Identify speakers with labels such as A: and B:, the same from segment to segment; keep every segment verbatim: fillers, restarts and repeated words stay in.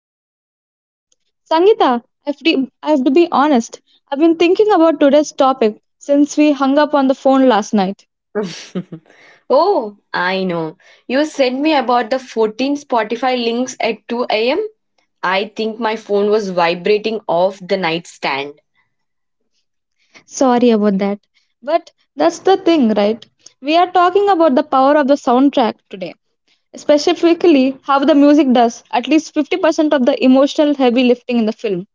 A: you have joined us today. Sangeeta, I have, to, I have to be honest, I've been thinking about today's topic since we hung up on the phone last night.
B: Oh, I know. You sent me about the fourteen Spotify links at two a m. I think my phone was vibrating off the nightstand.
A: Sorry about that. But That's the thing, right? We are talking about the power of the soundtrack today, specifically how the music does at least fifty percent of the emotional heavy lifting in the film.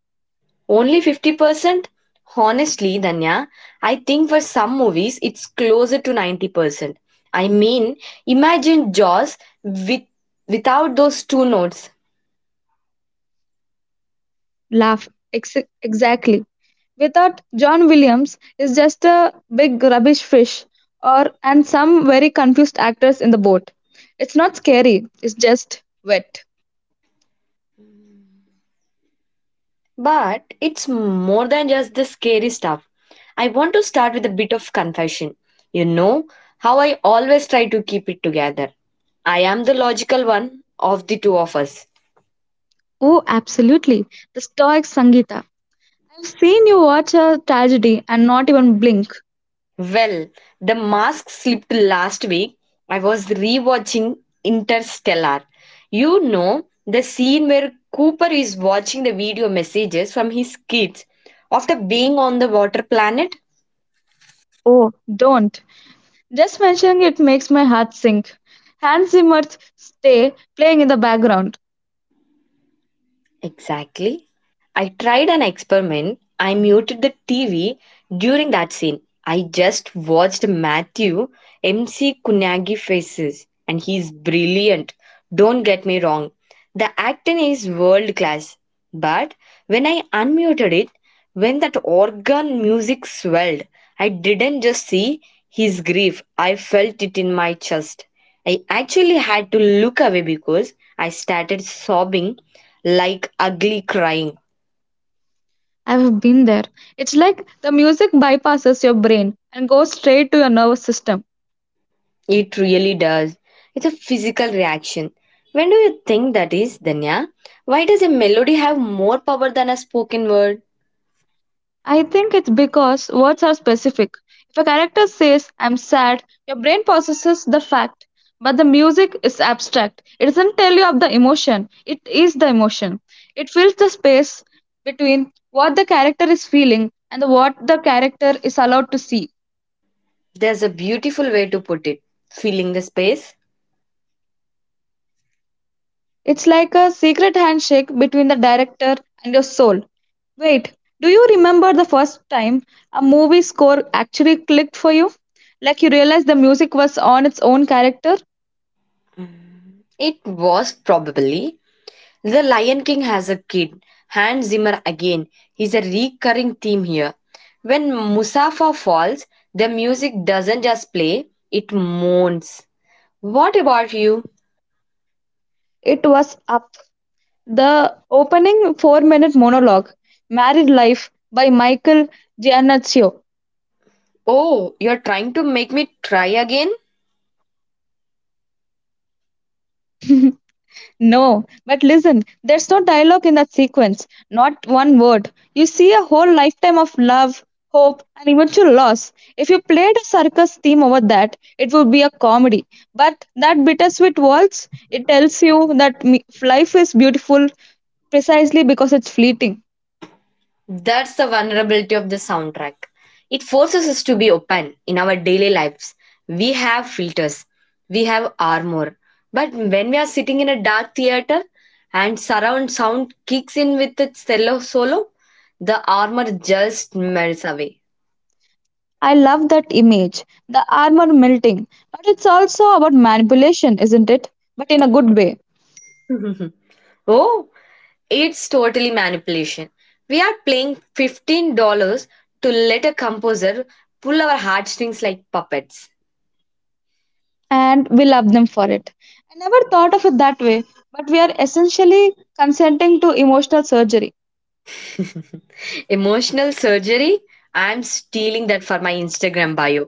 B: Only fifty percent? Honestly, Danya, I think for some movies it's closer to ninety percent. I mean, imagine Jaws with, without those two notes.
A: Laugh ex- exactly. Without John Williams, is just a big rubbish fish or and some very confused actors in the boat. It's not scary, it's just wet.
B: But it's more than just the scary stuff. I want to start with a bit of confession. You know how I always try to keep it together. I am the logical one of the two of us.
A: Oh absolutely, the stoic Sangita. I've seen you watch a tragedy and not even blink.
B: Well, the mask slipped last week. I was rewatching Interstellar. You know, the scene where Cooper is watching the video messages from his kids after being on the water planet?
A: Oh don't, just mentioning it makes my heart sink. Hans Zimmer's Stay playing in the background.
B: Exactly. I tried an experiment. I muted the T V during that scene. I just watched Matthew MC Kunagi faces, and he's brilliant. Don't get me wrong. The acting is world class. But when I unmuted it, when that organ music swelled, I didn't just see his grief, I felt it in my chest. I actually had to look away because I started sobbing like ugly crying.
A: I've been there. It's like the music bypasses your brain and goes straight to your nervous system.
B: It really does. It's a physical reaction. When do you think that is, Danya? Why does a melody have more power than a spoken word?
A: I think it's because words are specific. If a character says, I'm sad, your brain processes the fact. But the music is abstract. It doesn't tell you of the emotion, it is the emotion. It fills the space between what the character is feeling and what the character is allowed to see.
B: There's a beautiful way to put it. Filling the space?
A: It's like a secret handshake between the director and your soul. Wait, do you remember the first time a movie score actually clicked for you? Like you realized the music was on its own character?
B: It was probably. The Lion King has a kid. Hans Zimmer again. He's a recurring theme here. When Musafa falls, the music doesn't just play, it moans. What about you?
A: It was Up. The opening four minute monologue, Married Life by Michael Giannaccio.
B: Oh, you're trying to make me try again?
A: No, but listen, there's no dialogue in that sequence, not one word. You see a whole lifetime of love, hope, and eventual loss. If you played a circus theme over that, it would be a comedy. But that bittersweet waltz, it tells you that me- life is beautiful precisely because it's fleeting.
B: That's the vulnerability of the soundtrack. It forces us to be open in our daily lives. We have filters, we have armor. But when we are sitting in a dark theater and surround sound kicks in with its cello solo, the armor just melts away.
A: I love that image, the armor melting, but it's also about manipulation, isn't it? But in a good way.
B: Oh, it's totally manipulation. We are paying fifteen dollars to let a composer pull our heartstrings like puppets.
A: And we love them for it. I never thought of it that way, but we are essentially consenting to emotional surgery.
B: Emotional surgery? I'm stealing that for my Instagram bio.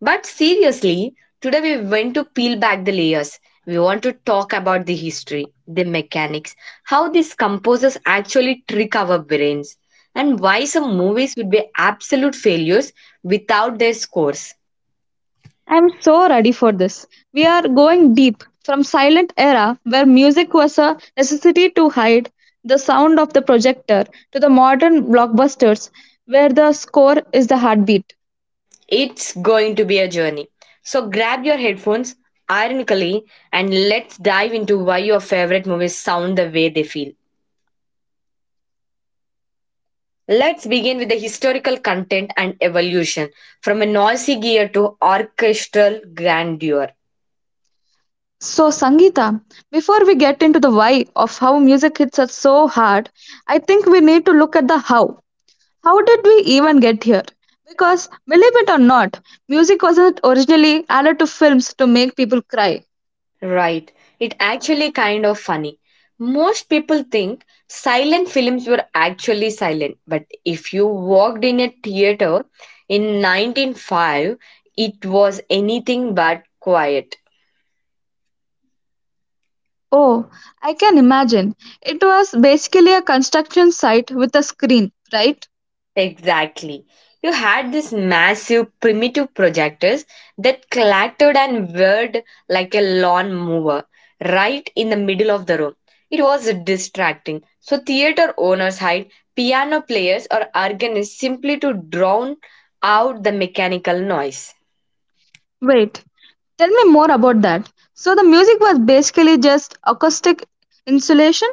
B: But seriously, today we went to peel back the layers. We want to talk about the history, the mechanics, how these composers actually trick our brains, and why some movies would be absolute failures without their scores.
A: I'm so ready for this. We are going deep from silent era where music was a necessity to hide the sound of the projector to the modern blockbusters where the score is the heartbeat.
B: It's going to be a journey. So grab your headphones, ironically, and let's dive into why your favorite movies sound the way they feel. Let's begin with the historical content and evolution from a noisy gear to orchestral grandeur.
A: So Sangeeta, before we get into the why of how music hits us so hard, I think we need to look at the how. How did we even get here? Because, believe it or not, music wasn't originally added to films to make people cry.
B: Right, it actually kind of funny. Most people think silent films were actually silent, but if you walked in a theater in nineteen oh five, it was anything but quiet.
A: Oh, I can imagine. It was basically a construction site with a screen, right?
B: Exactly. You had these massive primitive projectors that clattered and whirred like a lawn mower right in the middle of the room. It was distracting. So theater owners hired piano players or organists simply to drown out the mechanical noise.
A: Wait, tell me more about that. So, the music was basically just acoustic insulation?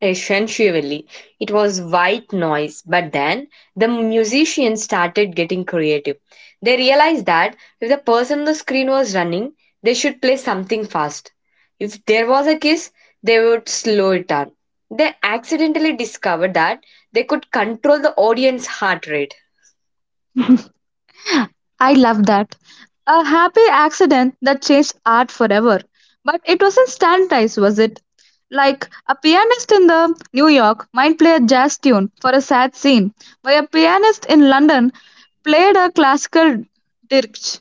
B: Essentially, it was white noise, but then the musicians started getting creative. They realized that if the person on the screen was running, they should play something fast. If there was a kiss, they would slow it down. They accidentally discovered that they could control the audience heart rate.
A: I love that. A happy accident that changed art forever. But it wasn't standardized, was it? Like a pianist in the New York might play a jazz tune for a sad scene, while a pianist in London played a classical dirge.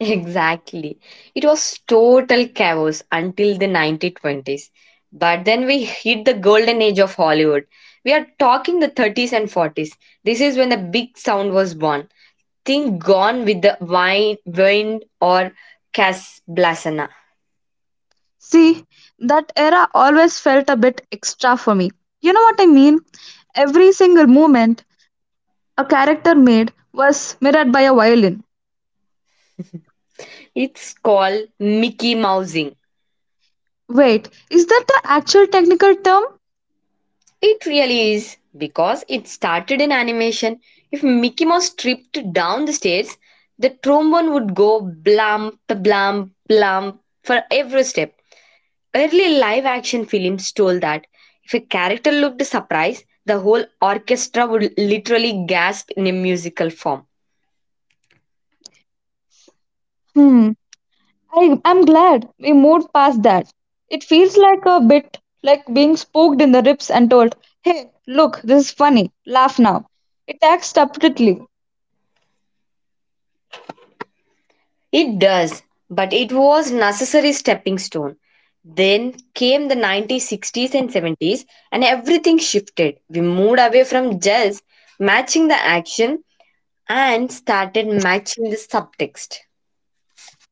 B: Exactly. It was total chaos until the nineteen twenties. But then we hit the golden age of Hollywood. We are talking the thirties and forties. This is when the big sound was born. Think Gone with the Wind, wind or Casablanca.
A: See, that era always felt a bit extra for me. You know what I mean? Every single movement a character made was mirrored by a violin.
B: It's called Mickey Mousing.
A: Wait, is that the actual technical term?
B: It really is because it started in animation. If Mickey Mouse tripped down the stairs, the trombone would go blam, blam, blam for every step. Early live action films told that if a character looked surprised, the whole orchestra would literally gasp in a musical form.
A: Hmm. I, I'm glad we moved past that. It feels like a bit like being spooked in the ribs and told, hey, look, this is funny, laugh now. It acts subtly.
B: It does, but it was necessary stepping stone. Then came the nineteen sixties and seventies and everything shifted. We moved away from just matching the action and started matching the subtext.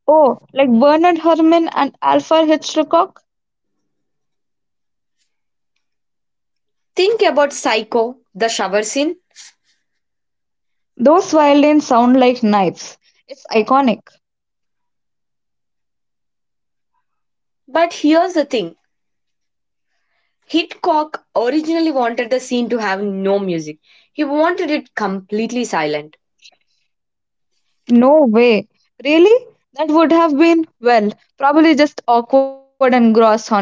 A: Oh, like Bernard Herrmann and Alfred Hitchcock?
B: Think about Psycho, the shower scene.
A: Those violins sound like knives. It's iconic.
B: But here's the thing. Hitchcock originally wanted the scene to have no music. He wanted it completely silent.
A: No way. Really? That would have been, well, probably just awkward and gross, honestly.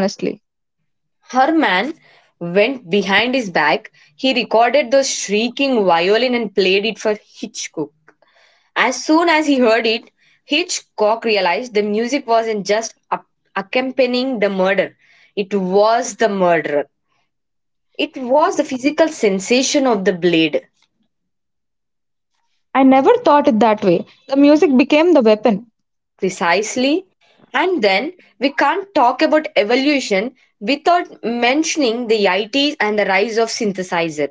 B: Herman went behind his back. He recorded the shrieking violin and played it for Hitchcock. As soon as he heard it, Hitchcock realized the music wasn't just ac- accompanying the murder, it was the murderer. It was the physical sensation of the blade.
A: I never thought it that way. The music became the weapon.
B: Precisely. And then we can't talk about evolution without mentioning the I Ts and the rise of synthesizer.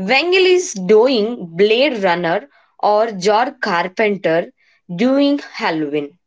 B: Wengel is doing Blade Runner or George Carpenter doing Halloween.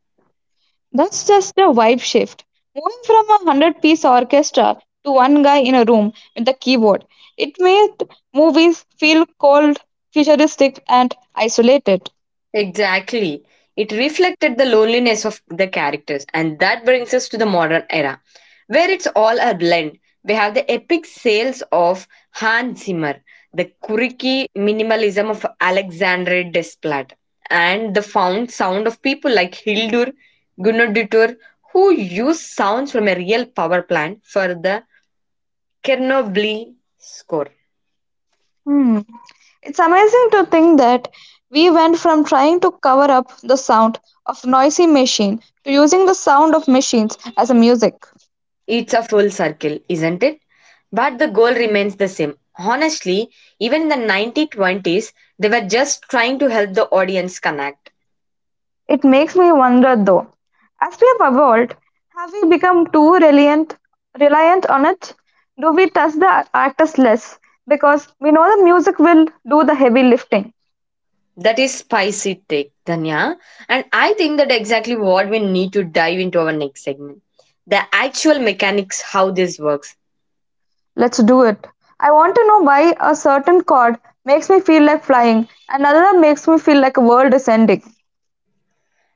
A: That's just a vibe shift. Moving from a hundred piece orchestra to one guy in a room with a keyboard. It made movies feel cold, futuristic, and isolated.
B: Exactly. It reflected the loneliness of the characters, and that brings us to the modern era, where it's all a blend. We have the epic sales of Hans Zimmer, the quirky minimalism of Alexandre Desplat, and the found sound of people like Hildur Gunnadottir, who use sounds from a real power plant for the Chernobyl score.
A: Hmm. It's amazing to think that we went from trying to cover up the sound of noisy machine to using the sound of machines as a music.
B: It's a full circle, isn't it? But the goal remains the same. Honestly, even in the nineteen twenties, they were just trying to help the audience connect.
A: It makes me wonder though, as we have evolved, have we become too reliant reliant on it? Do we trust the artist less? Because we know the music will do the heavy lifting.
B: That is spicy take, Danya. And I think that exactly what we need to dive into our next segment. The actual mechanics, how this works.
A: Let's do it. I want to know why a certain chord makes me feel like flying, another makes me feel like a world is ending.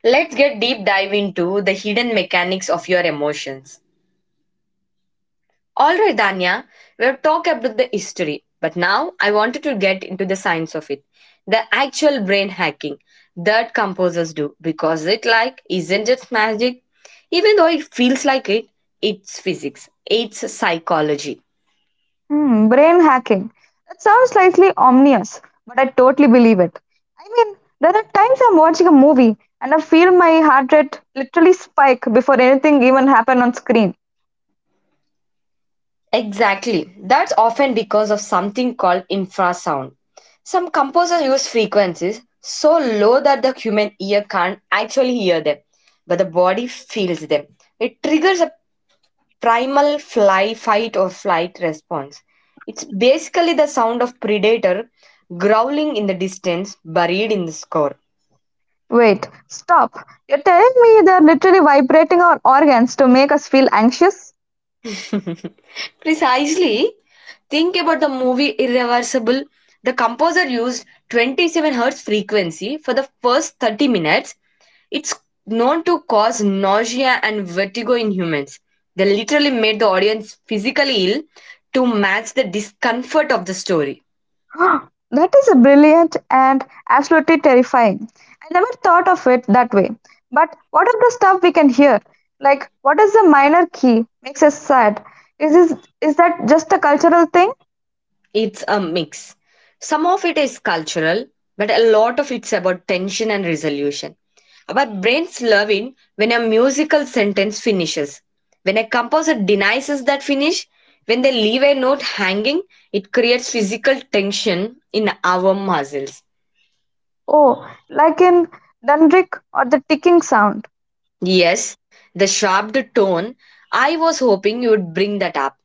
B: Let's get deep dive into the hidden mechanics of your emotions. All right, Danya, we've talked about the history, but now I wanted to get into the science of it, the actual brain hacking that composers do, because it like isn't just magic, even though it feels like it. It's physics. It's psychology.
A: Hmm, brain hacking. That sounds slightly ominous, but I totally believe it. I mean, there are times I'm watching a movie and I feel my heart rate literally spike before anything even happened on screen.
B: Exactly. That's often because of something called infrasound. Some composers use frequencies so low that the human ear can't actually hear them, but the body feels them. It triggers a primal fly fight or flight response. It's basically the sound of predator growling in the distance, buried in the score.
A: Wait, stop. You're telling me they're literally vibrating our organs to make us feel anxious?
B: Precisely. Think about the movie Irreversible. The composer used twenty-seven hertz frequency for the first thirty minutes. It's known to cause nausea and vertigo in humans. They literally made the audience physically ill to match the discomfort of the story.
A: That is a brilliant and absolutely terrifying. I never thought of it that way. But what of the stuff we can hear? Like, what is the minor key? Makes us sad. Is this is that just a cultural thing?
B: It's a mix. Some of it is cultural, but a lot of it's about tension and resolution. Our brains love it when a musical sentence finishes. When a composer denies us that finish, when they leave a note hanging, it creates physical tension in our muscles.
A: Oh, like in Dundrick or the ticking sound.
B: Yes, the sharp tone. I was hoping you would bring that up.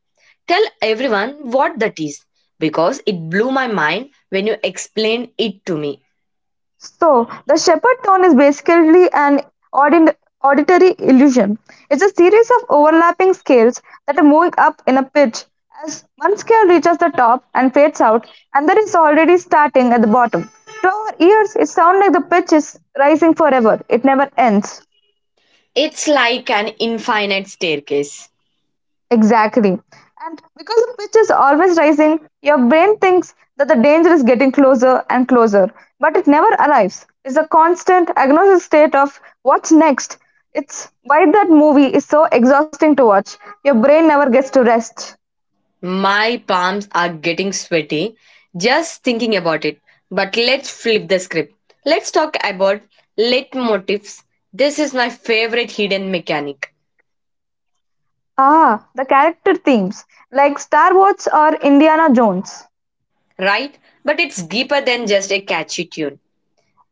B: Tell everyone what that is because it blew my mind when you explained it to me.
A: So, the shepherd tone is basically an audin- auditory illusion. It's a series of overlapping scales that are moving up in a pitch. As one scale reaches the top and fades out, another is already starting at the bottom. To our ears, it sounds like the pitch is rising forever, it never ends.
B: It's like an infinite staircase.
A: Exactly. And because the pitch is always rising, your brain thinks that the danger is getting closer and closer, but it never arrives. It's a constant agnostic state of what's next. It's why that movie is so exhausting to watch. Your brain never gets to rest.
B: My palms are getting sweaty just thinking about it. But let's flip the script. Let's talk about leitmotifs. This is my favorite hidden mechanic,
A: Ah, the character themes, like Star Wars or Indiana Jones.
B: right? But it's deeper than just a catchy tune.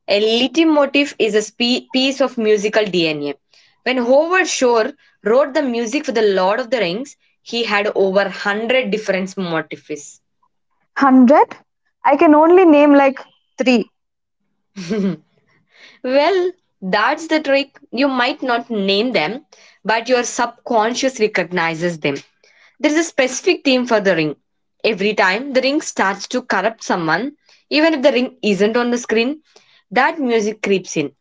B: A leitmotif is a spe- piece of musical D N A. When Howard Shore wrote the music for The Lord of the Rings, he had over a hundred different motifs.
A: one hundred? I can only name like three.
B: Well, that's the trick. You might not name them, but your subconscious recognizes them. There's a specific theme for the ring. Every time the ring starts to corrupt someone, even if the ring isn't on the screen, that music creeps in.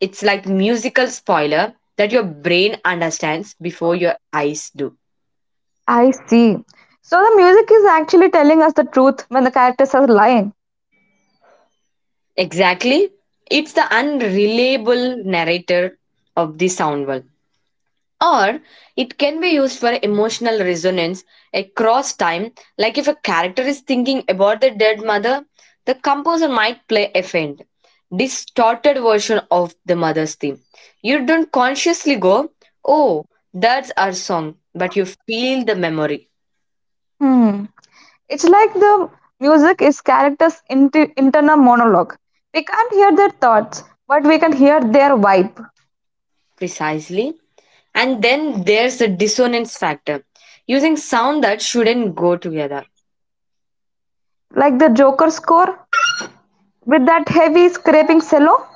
B: It's like musical spoiler that your brain understands before your eyes do.
A: I see. So the music is actually telling us the truth when the characters are lying.
B: Exactly. It's the unreliable narrator of the sound world. Or it can be used for emotional resonance across time, like if a character is thinking about the dead mother, the composer might play a faint, distorted version of the mother's theme. You don't consciously go, oh, that's our song, but you feel the memory
A: Hmm. It's like the music is characters' inti- internal monologue. We can't hear their thoughts, but we can hear their vibe.
B: precisely. And then there's the dissonance factor, using sound that shouldn't go together.
A: Like the Joker score with that heavy scraping cello,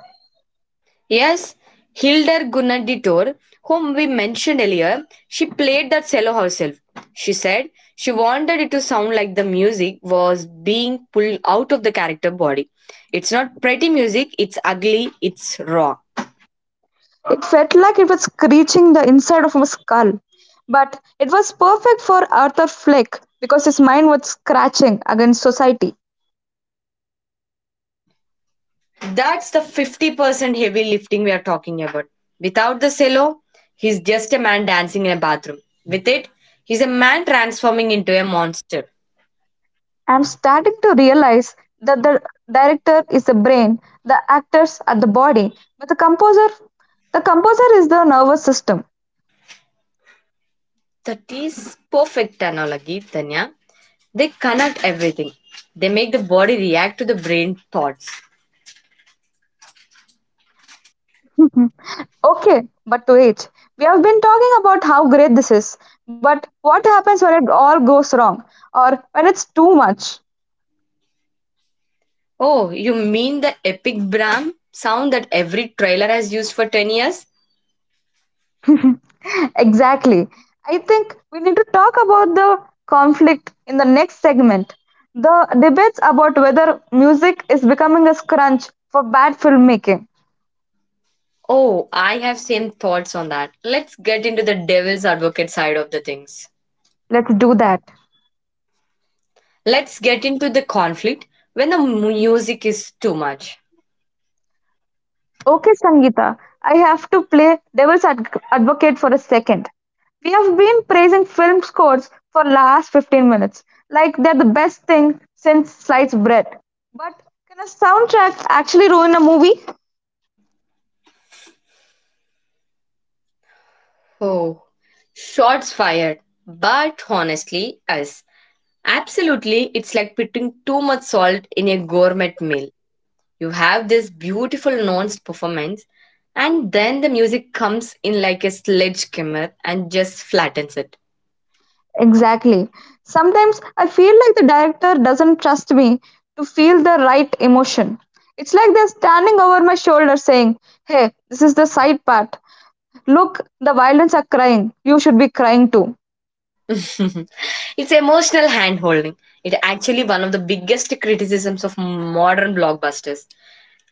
B: Yes, Hildur Gunnaditor, whom we mentioned earlier, she played that cello herself. She said she wanted it to sound like the music was being pulled out of the character body. It's not pretty music, it's ugly, it's raw.
A: it felt like it was screeching the inside of my skull. But it was perfect for Arthur Fleck because his mind was scratching against society.
B: That's the fifty percent heavy lifting we are talking about. Without the cello, he's just a man dancing in a bathroom. With it, he's a man transforming into a monster.
A: I'm starting to realize that the director is the brain, the actors are the body, but the composer the composer is the nervous system.
B: That is perfect analogy, Tanya. They connect everything. They make the body react to the brain thoughts.
A: Okay, but wait. We have been talking about how great this is, but what happens when it all goes wrong or when it's too much?
B: Oh, you mean the epic Brahm sound that every trailer has used for ten years?
A: exactly. I think we need to talk about the conflict in the next segment. The debates about whether music is becoming a crutch for bad filmmaking.
B: Oh, I have same thoughts on that. Let's get into the devil's advocate side of the things.
A: Let's do that.
B: Let's get into the conflict when the music is too much.
A: Okay, Sangeeta, I have to play devil's adv- advocate for a second. We have been praising film scores for last fifteen minutes, like they're the best thing since sliced bread. But can a soundtrack actually ruin a movie?
B: Oh, shots fired. But honestly, us. Absolutely, it's like putting too much salt in a gourmet meal. You have this beautiful nuanced performance, and then the music comes in like a sledgehammer and just flattens it.
A: Exactly. Sometimes I feel like the director doesn't trust me to feel the right emotion. It's like they're standing over my shoulder saying, Hey, this is the side part. Look, the violence are crying. You should be crying too.
B: It's emotional hand holding. It actually one of the biggest criticisms of modern blockbusters.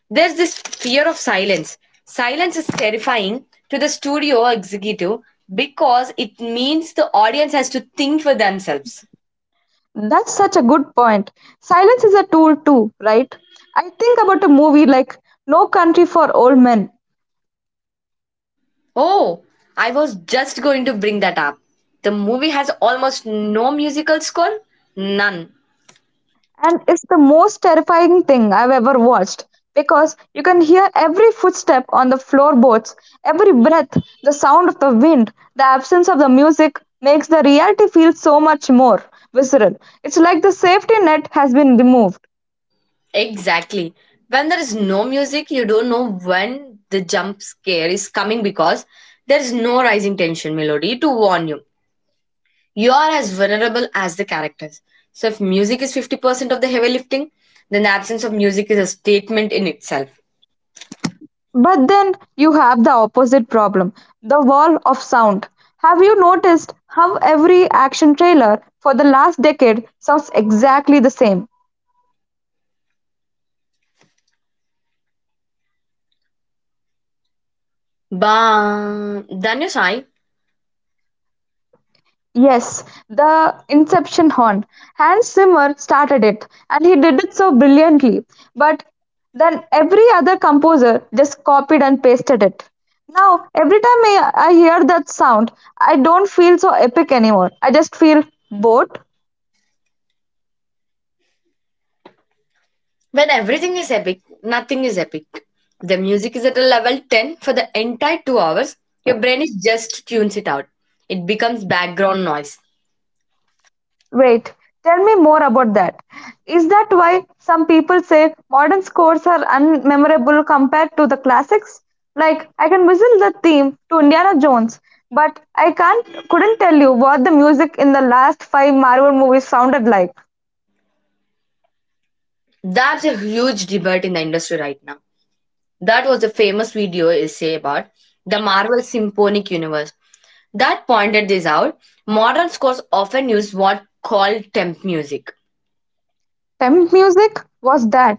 B: There's this fear of silence. Silence is terrifying to the studio executive because it means the audience has to think for themselves.
A: That's such a good point. Silence is a tool too, right? I think about a movie like No Country for Old Men,
B: Oh, I was just going to bring that up. The movie has almost no musical score? None.
A: and it's the most terrifying thing I've ever watched because you can hear every footstep on the floorboards, every breath, the sound of the wind, the absence of the music makes the reality feel so much more visceral. It's like the safety net has been removed.
B: Exactly. When there is no music, you don't know when the jump scare is coming because there is no rising tension melody to warn you. You are as vulnerable as the characters. So, if music is fifty percent of the heavy lifting, then the absence of music is a statement in itself.
A: But then you have the opposite problem, the wall of sound. Have you noticed how every action trailer for the last decade sounds exactly the same?
B: Ba Sai,
A: Yes, the Inception horn. Hans Zimmer started it and he did it so brilliantly. But then every other composer just copied and pasted it. Now, every time I, I hear that sound, I don't feel so epic anymore. I just feel bored.
B: when everything is epic, nothing is epic. The music is at a level ten for the entire two hours, your brain is just tunes it out. It becomes background noise.
A: Wait, tell me more about that. Is that why some people say modern scores are unmemorable compared to the classics? Like I can whistle the theme to Indiana Jones, but I can't couldn't tell you what the music in the last five Marvel movies sounded like.
B: That's a huge debate in the industry right now. That was the famous video essay about the Marvel Symphonic Universe that pointed this out, modern scores often use what called temp music.
A: Temp music was that.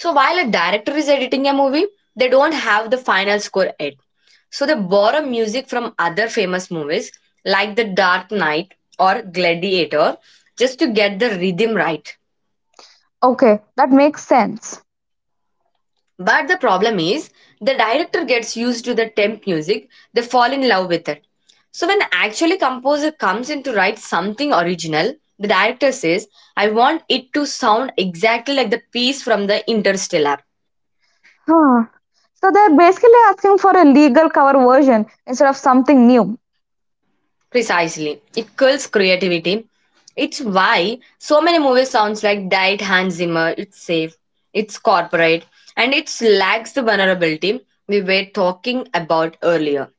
B: So while a director is editing a movie, they don't have the final score yet. So they borrow music from other famous movies like The Dark Knight or Gladiator just to get the rhythm right.
A: Okay, that makes sense.
B: But the problem is, the director gets used to the temp music, they fall in love with it. So when actually composer comes in to write something original, the director says, I want it to sound exactly like the piece from the Interstellar.
A: Huh. So they're basically asking for a legal cover version instead of something new.
B: Precisely. It kills creativity. It's why so many movies sounds like Diet Hans Zimmer, it's safe, it's corporate, and it lacks the vulnerability we were talking about earlier.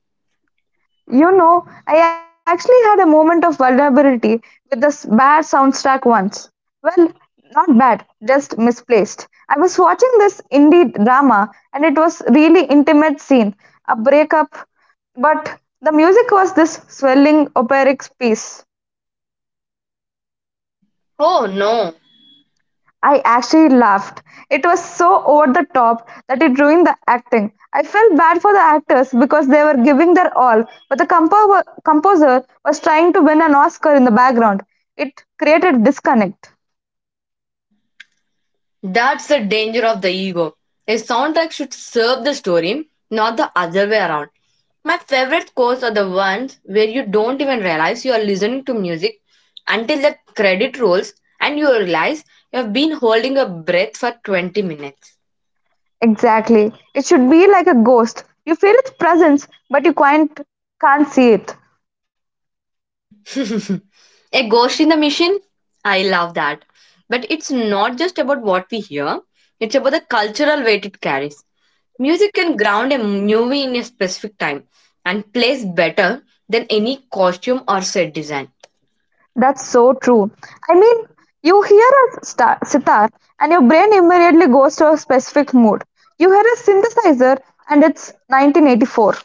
A: You know, I actually had a moment of vulnerability with this bad soundtrack once. Well, not bad, just misplaced. I was watching this indie drama and it was really intimate scene, a breakup, but the music was this swelling operic piece.
B: Oh no.
A: I actually laughed. It was so over the top that it ruined the acting. I felt bad for the actors because they were giving their all, but the compo- composer was trying to win an Oscar in the background. It created disconnect.
B: That's the danger of the ego. A soundtrack should serve the story, not the other way around. My favorite scores are the ones where you don't even realize you are listening to music until the credit rolls and you realize you have been holding a breath for twenty minutes.
A: Exactly. It should be like a ghost. You feel its presence, but you can't can't see it.
B: A ghost in the machine? I love that. But it's not just about what we hear, it's about the cultural weight it carries. Music can ground a movie in a specific time and plays better than any costume or set design.
A: That's so true. I mean, you hear a star- sitar and your brain immediately goes to a specific mood. You hear a synthesizer and it's nineteen eighty-four.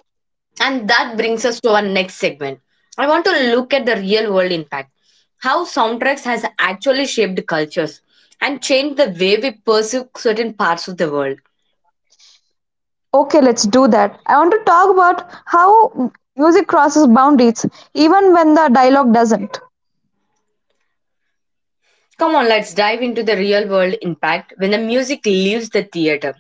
B: And that brings us to our next segment. I want to look at the real world impact. How soundtracks has actually shaped cultures and changed the way we perceive certain parts of the world.
A: Okay, let's do that. I want to talk about how music crosses boundaries, even when the dialogue doesn't.
B: Come on, let's dive into the real world impact when the music leaves the theater.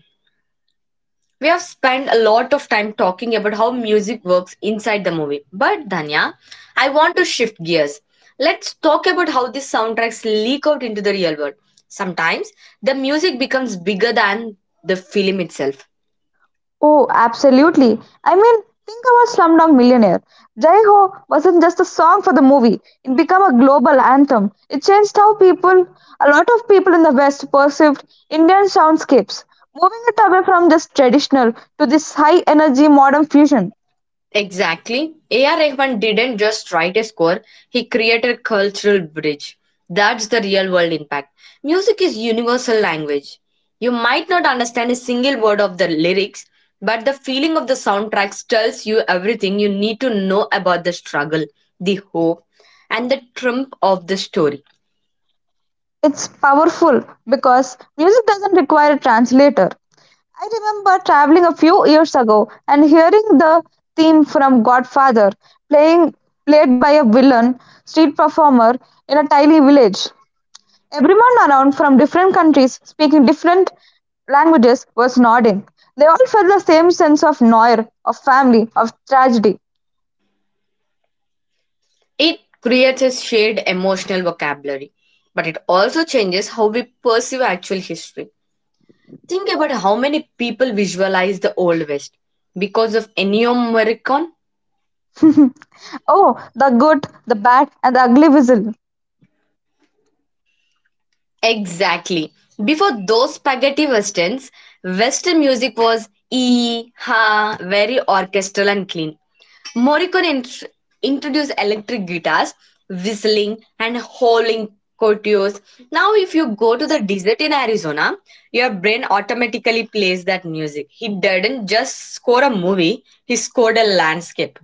B: We have spent a lot of time talking about how music works inside the movie. But Dhanya, I want to shift gears. Let's talk about how these soundtracks leak out into the real world. Sometimes the music becomes bigger than the film itself.
A: Oh, absolutely. I mean, think about Slumdog Millionaire. Jai Ho wasn't just a song for the movie, it became a global anthem. It changed how people, a lot of people in the West, perceived Indian soundscapes, moving it away from just traditional to this high energy modern fusion.
B: Exactly. A R. Rahman didn't just write a score, he created a cultural bridge. That's the real world impact. Music is universal language. You might not understand a single word of the lyrics, but the feeling of the soundtracks tells you everything you need to know about the struggle, the hope, and the triumph of the story.
A: It's powerful because music doesn't require a translator. I remember traveling a few years ago and hearing the theme from Godfather playing played by a villain street performer in a tiny village. Everyone around from different countries speaking different languages was nodding. They all felt the same sense of noir, of family, of tragedy.
B: It creates a shared emotional vocabulary, but it also changes how we perceive actual history. Think about how many people visualize the Old West because of Ennio Morricone.
A: Oh, the good, the bad, and the ugly whistle.
B: Exactly. Before those spaghetti westerns, Western music was ee ha, very orchestral and clean. Morricone int- introduced electric guitars, whistling, and howling courtiers. Now, if you go to the desert in Arizona, your brain automatically plays that music. He didn't just score a movie; he scored a landscape.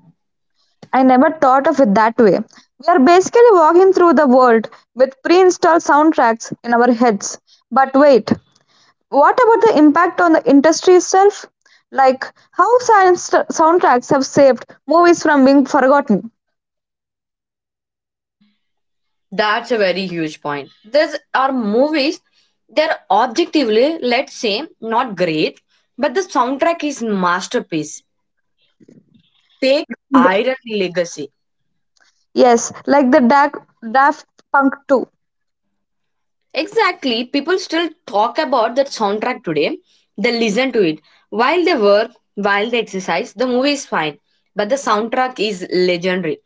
A: I never thought of it that way. We are basically walking through the world with pre installed soundtracks in our heads. But wait, what about the impact on the industry itself? Like, how science soundtracks have saved movies from being forgotten?
B: That's a very huge point. There are movies, they're objectively, let's say, not great, but the soundtrack is masterpiece. Take Iron Legacy.
A: Yes, like the da- Daft Punk two.
B: Exactly, people still talk about that soundtrack today. They listen to it. While they work, while they exercise, the movie is fine. But the soundtrack is legendary.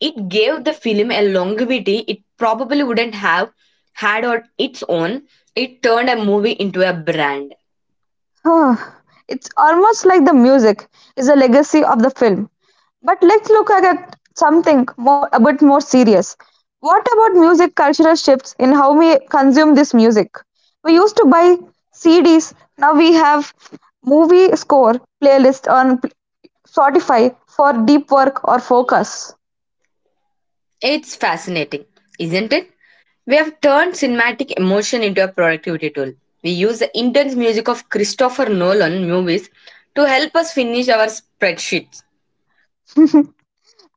B: It gave the film a longevity it probably wouldn't have had on its own. It turned a movie into a brand.
A: Huh. It's almost like the music is a legacy of the film. But let's look at something more, a bit more serious. What about music cultural shifts in how we consume this music? We used to buy C Ds, now we have movie score playlist on Spotify for deep work or focus.
B: It's fascinating, isn't it? We have turned cinematic emotion into a productivity tool. We use the intense music of Christopher Nolan movies to help us finish our spreadsheets.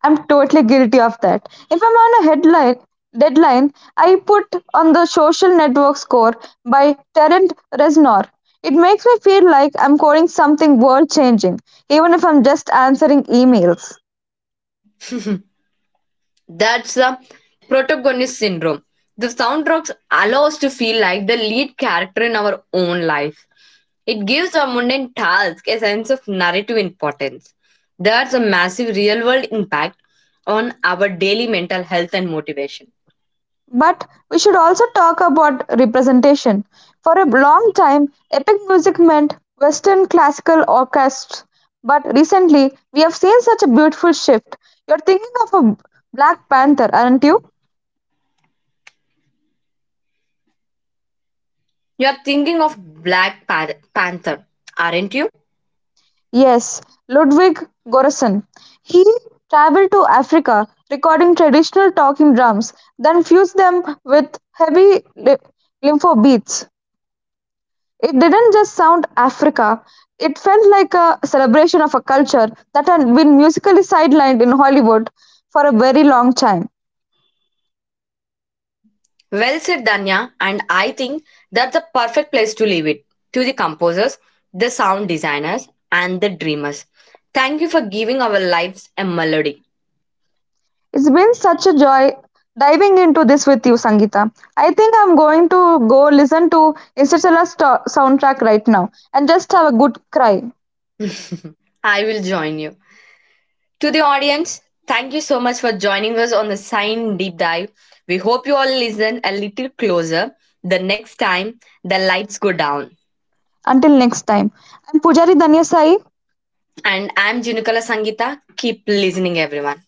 A: I'm totally guilty of that. If I'm on a headline deadline, I put on the social network score by Terrence Reznor. It makes me feel like I'm coding something world changing, even if I'm just answering emails.
B: That's the protagonist syndrome. The soundtracks allow us to feel like the lead character in our own life. It gives our mundane task a sense of narrative importance. There's a massive real world impact on our daily mental health and motivation.
A: But we should also talk about representation. For a long time, epic music meant Western classical orchestras, but recently we have seen such a beautiful shift. You're thinking of a Black Panther, aren't you?
B: You're thinking of Black Pan- Panther, aren't you?
A: Yes, Ludwig Göransson. He traveled to Africa, recording traditional talking drums, then fused them with heavy li- limpo beats. It didn't just sound Africa; it felt like a celebration of a culture that had been musically sidelined in Hollywood for a very long time.
B: Well said, Danya, and I think that's the perfect place to leave it to the composers, the sound designers, and the dreamers. Thank you for giving our lives a melody.
A: It's been such a joy diving into this with you, Sangita. I think I'm going to go listen to Interstellar's to- soundtrack right now and just have a good cry.
B: I will join you. To the audience, thank you so much for joining us on the Sign Deep Dive. We hope you all listen a little closer the next time the lights go down.
A: Until next time, I'm Pujari Danyasai.
B: And I'm Junukala Sangita. Keep listening, everyone.